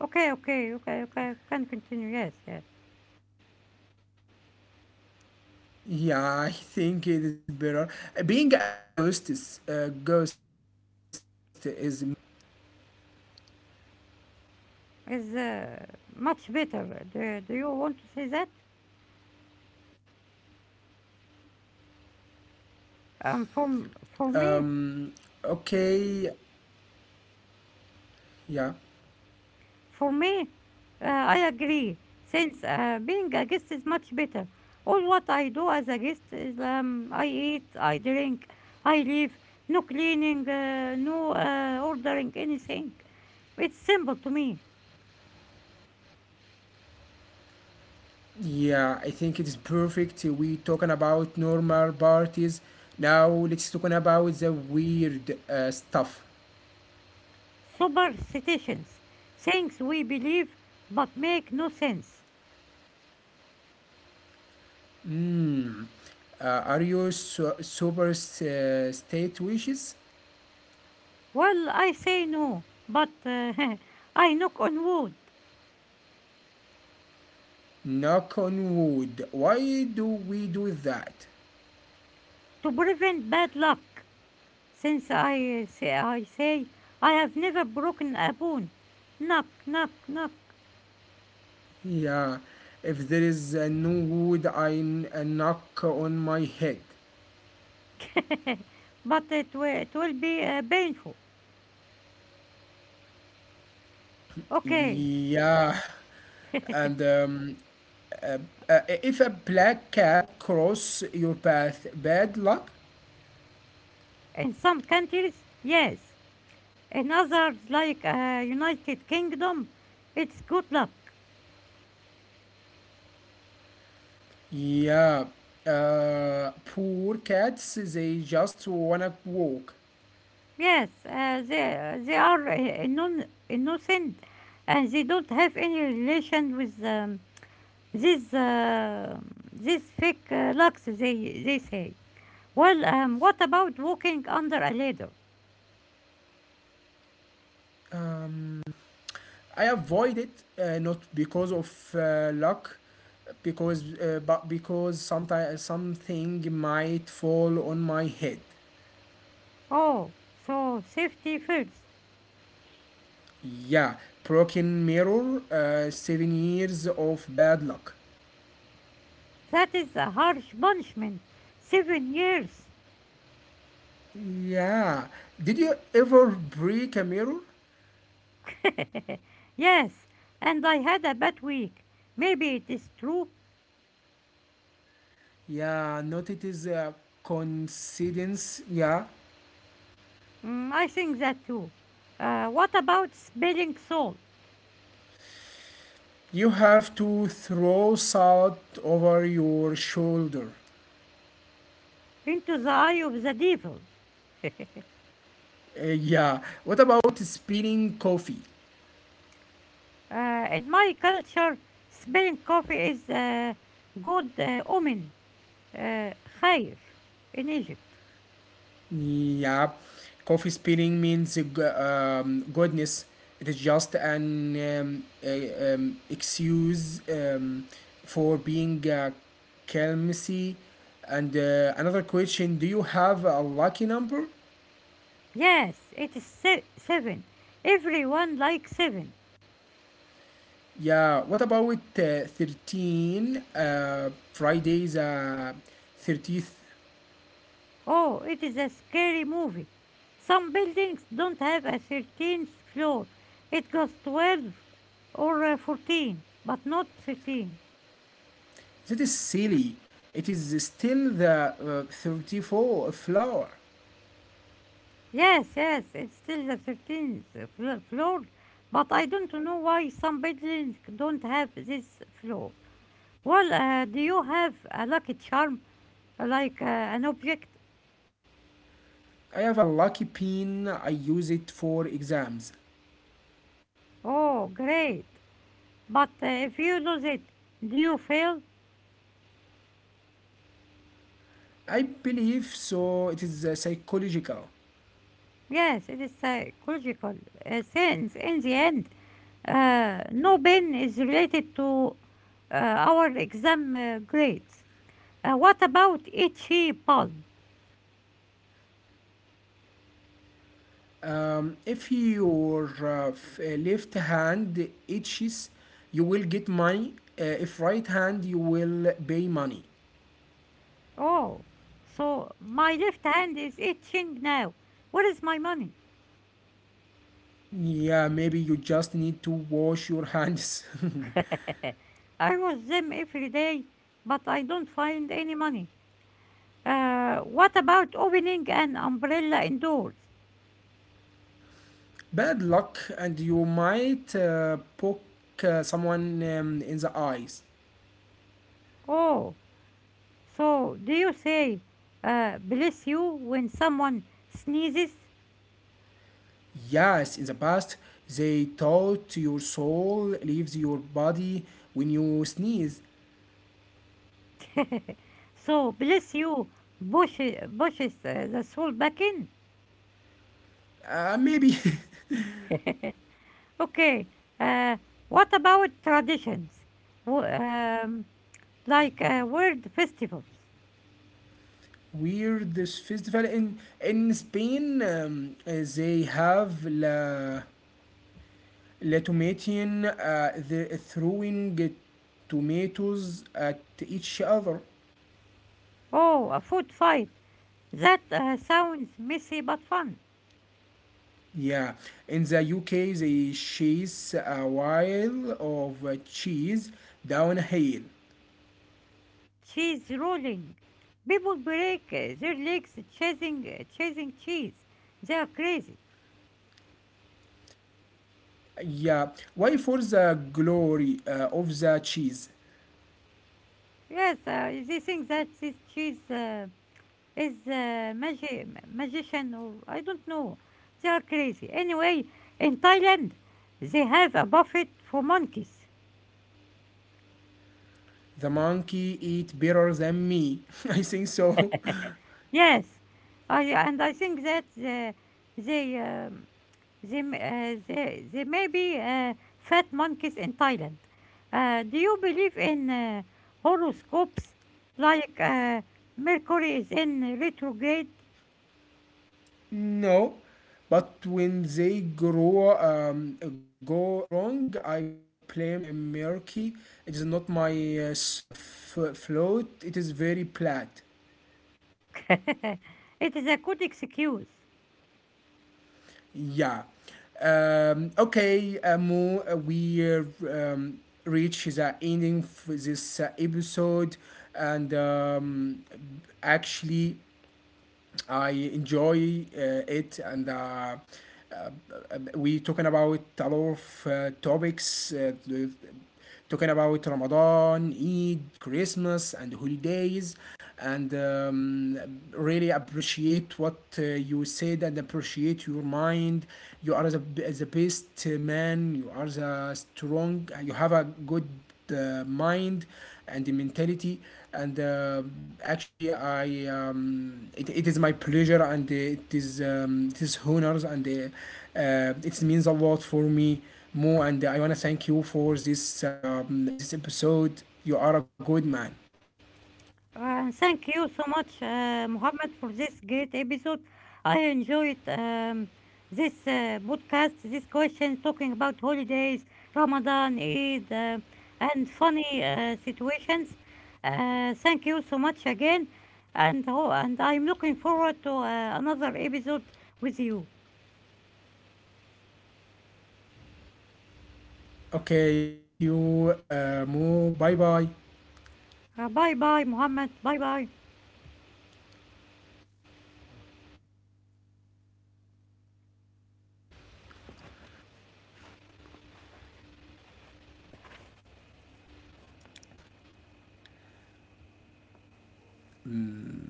S2: okay, okay, okay, okay, can continue. Yes, yes,
S1: Yeah, I think it is better. Being a ghost ghost is much better.
S2: is much better. Do you want to say that? Um, for for me,
S1: Um, okay, yeah.
S2: for me, I agree. Since being a guest is much better. All what I do as a guest is I eat, I drink, I leave. No cleaning, no ordering anything. It's simple to me.
S1: Yeah, I think it is perfect. We talking about normal parties. Now let's talking about the weird stuff.
S2: Superstitions. Things we believe but make no sense.
S1: Mm. Are you super state wishes?
S2: Well, I say no, but [laughs] I knock on wood
S1: Knock on wood. Why do we do that?
S2: to prevent bad luck. Since I say I have never broken a bone. Knock, knock, knock.
S1: Yeah, if there is no wood, I knock on my head.
S2: But it will be painful. Okay.
S1: Yeah, and uh, if a black cat cross your path, bad luck.
S2: In some countries, yes. In others, like United Kingdom, it's good luck.
S1: Yeah, poor cats, they just wanna walk.
S2: Yes, they are non innocent and they don't have any relation with this uh, this fake lux they say. Well, what about walking under a ladder?
S1: Um, I avoid it not because of luck, because sometimes something might fall on my head.
S2: Oh, so safety first.
S1: Yeah, broken mirror, 7 years of bad luck.
S2: That is a harsh punishment. 7 years.
S1: Yeah, did you ever break a mirror?
S2: [laughs] Yes, and I had a bad week. Maybe it is true.
S1: Yeah, not it is a coincidence. Yeah,
S2: Mm, I think that too. What about spelling salt?
S1: you have to throw salt over your shoulder.
S2: Into the eye of the devil.
S1: Yeah, what about spilling coffee?
S2: In my culture, spilling coffee is a good omen, uh, خير, in Egypt.
S1: Yeah, coffee spilling means goodness. It is just an excuse for being clumsy. And another question: do you have a lucky number?
S2: Yes, it is seven. Everyone likes seven.
S1: Yeah. What about 13? Fridays, thirtieth.
S2: Oh, it is a scary movie. Some buildings don't have a 13th floor. It goes 12 or 14, but not 13.
S1: That is silly. It is still the 34 flower.
S2: Yes, yes, it's still the 13th floor, but I don't know why some buildings don't have this floor. Well, do you have a lucky charm, like an object?
S1: I have a lucky pin. I use it for exams.
S2: Oh, great. But if you lose it, do you fail?
S1: I believe so. It is psychological.
S2: Yes, it is psychological sense. In the end, no pain is related to our exam grades. What about itchy palm?
S1: If your left hand itches, you will get money. If right hand, you will pay money.
S2: Oh, so my left hand is itching now. Where is my money?
S1: Yeah, maybe you just need to wash your hands.
S2: [laughs] I wash them every day, but I don't find any money. What about opening an umbrella indoors?
S1: [laughs] Bad luck, and you might poke someone in the eyes.
S2: Oh, so do you say, bless you when someone sneezes?
S1: Yes, in the past, they thought your soul leaves your body when you sneeze.
S2: So bless you pushes the soul back in?
S1: Maybe.
S2: [laughs] Okay, uh, what about traditions? Wh- um, like a word festivals.
S1: [laughs] Weird this festival in Spain. They have la tomatian, the throwing tomatoes at each other.
S2: Oh, a food fight. That sounds messy but fun.
S1: Yeah, in the UK, they chase a while of cheese down a hill.
S2: Cheese rolling. People break their legs chasing cheese. They are crazy.
S1: Yeah, why for the glory of the cheese?
S2: Yes, they think that this cheese is magician or I don't know. They are crazy. Anyway, in Thailand, they have a buffet for monkeys.
S1: The monkey eat better than me. [laughs] I think so.
S2: Yes, I think that they um, they may be fat monkeys in Thailand. Do you believe in horoscopes like Mercury is in retrograde?
S1: [laughs] No, but when they grow go wrong, I blame Merky. It is not my float. It is very flat.
S2: [laughs] It is a good excuse.
S1: Yeah. Okay, Mo, we um, reach the ending for this episode, and actually, I enjoy it, and we talking about a lot of topics, talking about Ramadan, Eid, Christmas, and holidays, and really appreciate what you said and appreciate your mind. You are the best man. You are the strong. You have a good mind and the mentality. And actually, it is my pleasure and it is honors and it means a lot for me more. And I wanna thank you for this this episode. You are a good man.
S2: Thank you so much, Mohammed, for this great episode. I enjoyed this podcast, this question talking about holidays, Ramadan, Eid, and funny situations. Thank you so much again, and oh, and I'm looking forward to another episode with you.
S1: Okay, thank you, مو باي باي.
S2: باي باي محمد باي باي
S1: مم.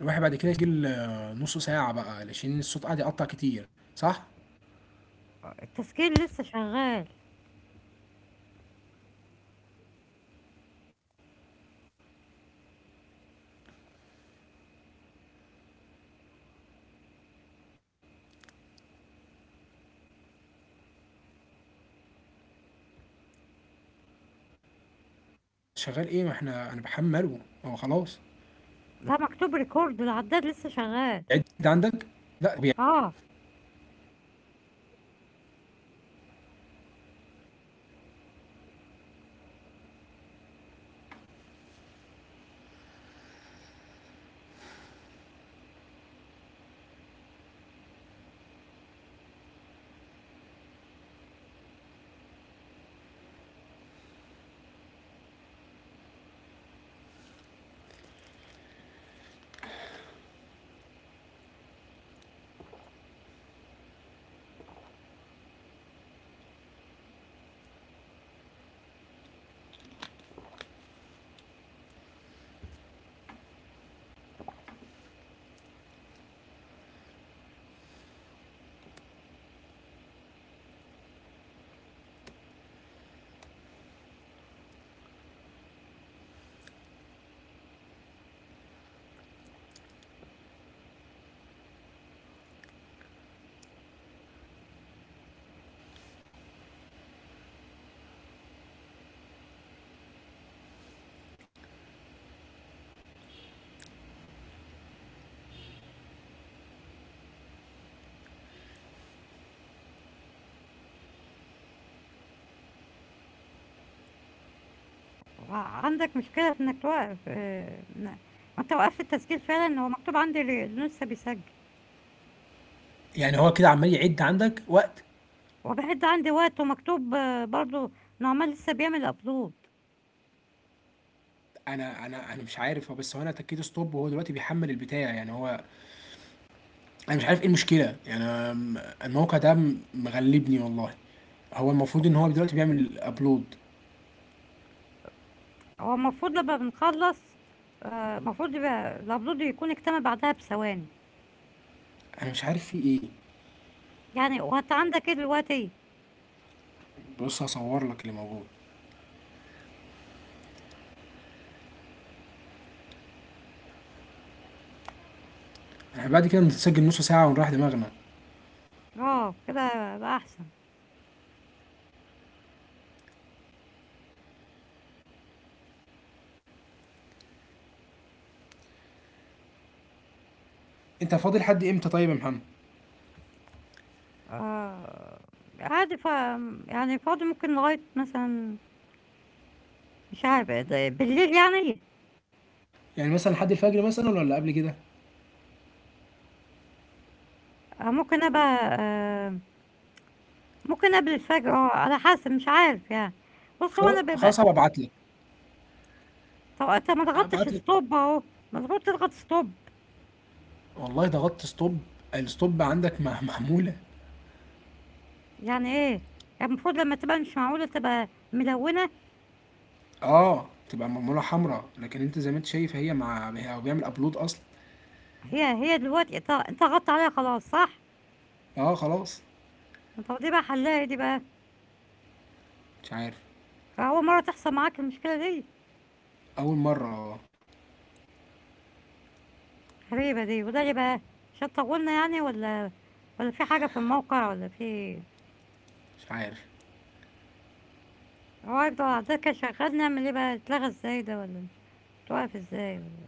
S1: الواحد بعد كده يسجل آه، نص ساعة بقى علشان الصوت قاعد يقطع كتير، صح؟
S2: التسجيل لسه شغال
S1: لا شغال ايه ما احنا انا بحمله هو خلاص.
S2: لا مكتوب ريكورد العداد لسه شغال
S1: هو بيعد عندك؟
S2: اه ع- عندك مشكلة في انك توقف آه، ن- انت وقفت التسجيل فعلا هو مكتوب عندي ل- لسه بيسجل
S1: يعني هو كده عمال يعد عندك وقت.
S2: وبعد عندي وقت ومكتوب آه، برضو انه عمال لسه بيعمل ابلود
S1: انا مش عارف هو بس هو انا اتكيت ستوب وهو دلوقتي بيحمل البتاع يعني هو انا مش عارف ايه المشكله يعني أنا م- الموقع ده م- مغلبني والله. هو المفروض ان هو دلوقتي بيعمل ابلود.
S2: هو المفروض لما بنخلص آه، المفروض يبقى الابلود يكون اكتمل بعدها بثواني
S1: انا مش عارف فيه ايه.
S2: يعني وانت عندك ايه دلوقتي
S1: بص هصور لك اللي موجود. احنا بعد كده نتسجل نص ساعه ونريح دماغنا.
S2: اه كده بقى احسن
S1: انت فاضي لحد امتى طيب يا محمد؟
S2: آه عادي ف يعني فاضي ممكن لغاية مثلا مش عارف ده- بالليل يعني
S1: يعني مثلا لحد الفجر مثلا ولا قبل كده؟
S2: آه، ممكن ابقى آه، ممكن قبل الفجر اه على حسب مش عارف يعني بص هو
S1: خلاص
S2: انا بيبقى
S1: خلاص هبعت لك.
S2: طب انت ما ضغطتش
S1: ابعت لك.
S2: ستوب اهو مظبوط تضغط ستوب
S1: والله ضغطت ستوب. الستوب عندك مع- معموله.
S2: يعني ايه يعني المفروض لما تبقى مش معقولة تبقى ملونة
S1: اه تبقى معمولة حمرا لكن انت زي ما انت شايف هي هو بيعمل ابلود اصلا.
S2: هي هي دلوقتي انت انت ضغطت عليها خلاص صح
S1: اه خلاص.
S2: طب دي بقى حلاها إيه دي بقى
S1: مش عارف.
S2: اول مرة تحصل معاك المشكلة دي
S1: اول مرة اه.
S2: غريبة دي وده ليه بقى عشان طولنا يعني ولا ولا في حاجة في الموقع ولا في
S1: مش عارف
S2: هو هيفضل على الدكة شغال نعمل ايه بقى اتلغى ازاي ده ولا توقف ازاي ولا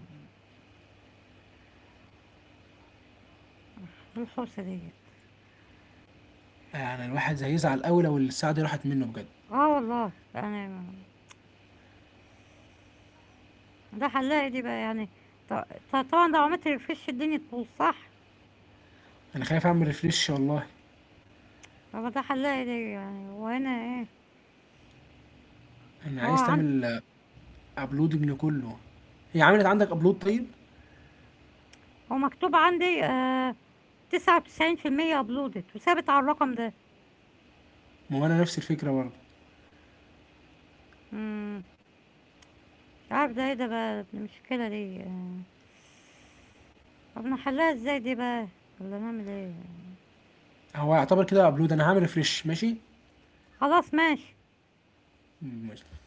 S2: إيه الحوسة دي
S1: يعني الواحد هيزعل قوي لو الساعة دي راحت منه بجد.
S2: آه والله، يعني ما ده حلاقي دي بقى يعني ط ط طبعًا لو عملت refresh الدنيا تبوظ صح؟
S1: انا خايف اعمل ريفريش والله.
S2: طب ما ده حلاقي دي يعني هو هنا إيه،
S1: انا
S2: هو
S1: عايز
S2: عن
S1: تعمل ابلودنج لكله. هي عملت عندك ابلود طيب.
S2: هو مكتوب عندي آآ 99% uploaded وثابت على الرقم ده،
S1: ما هو انا نفس الفكرة برضه.
S2: إمم، مش عارف ده إيه ده بقى المشكلة دي آآ طب نحلها إزاي دي بقى والّا نعمل إيه؟
S1: هو يعتبر كده ابلود انا هعمل ريفريش.
S2: خلاص ماشي.
S1: ماشي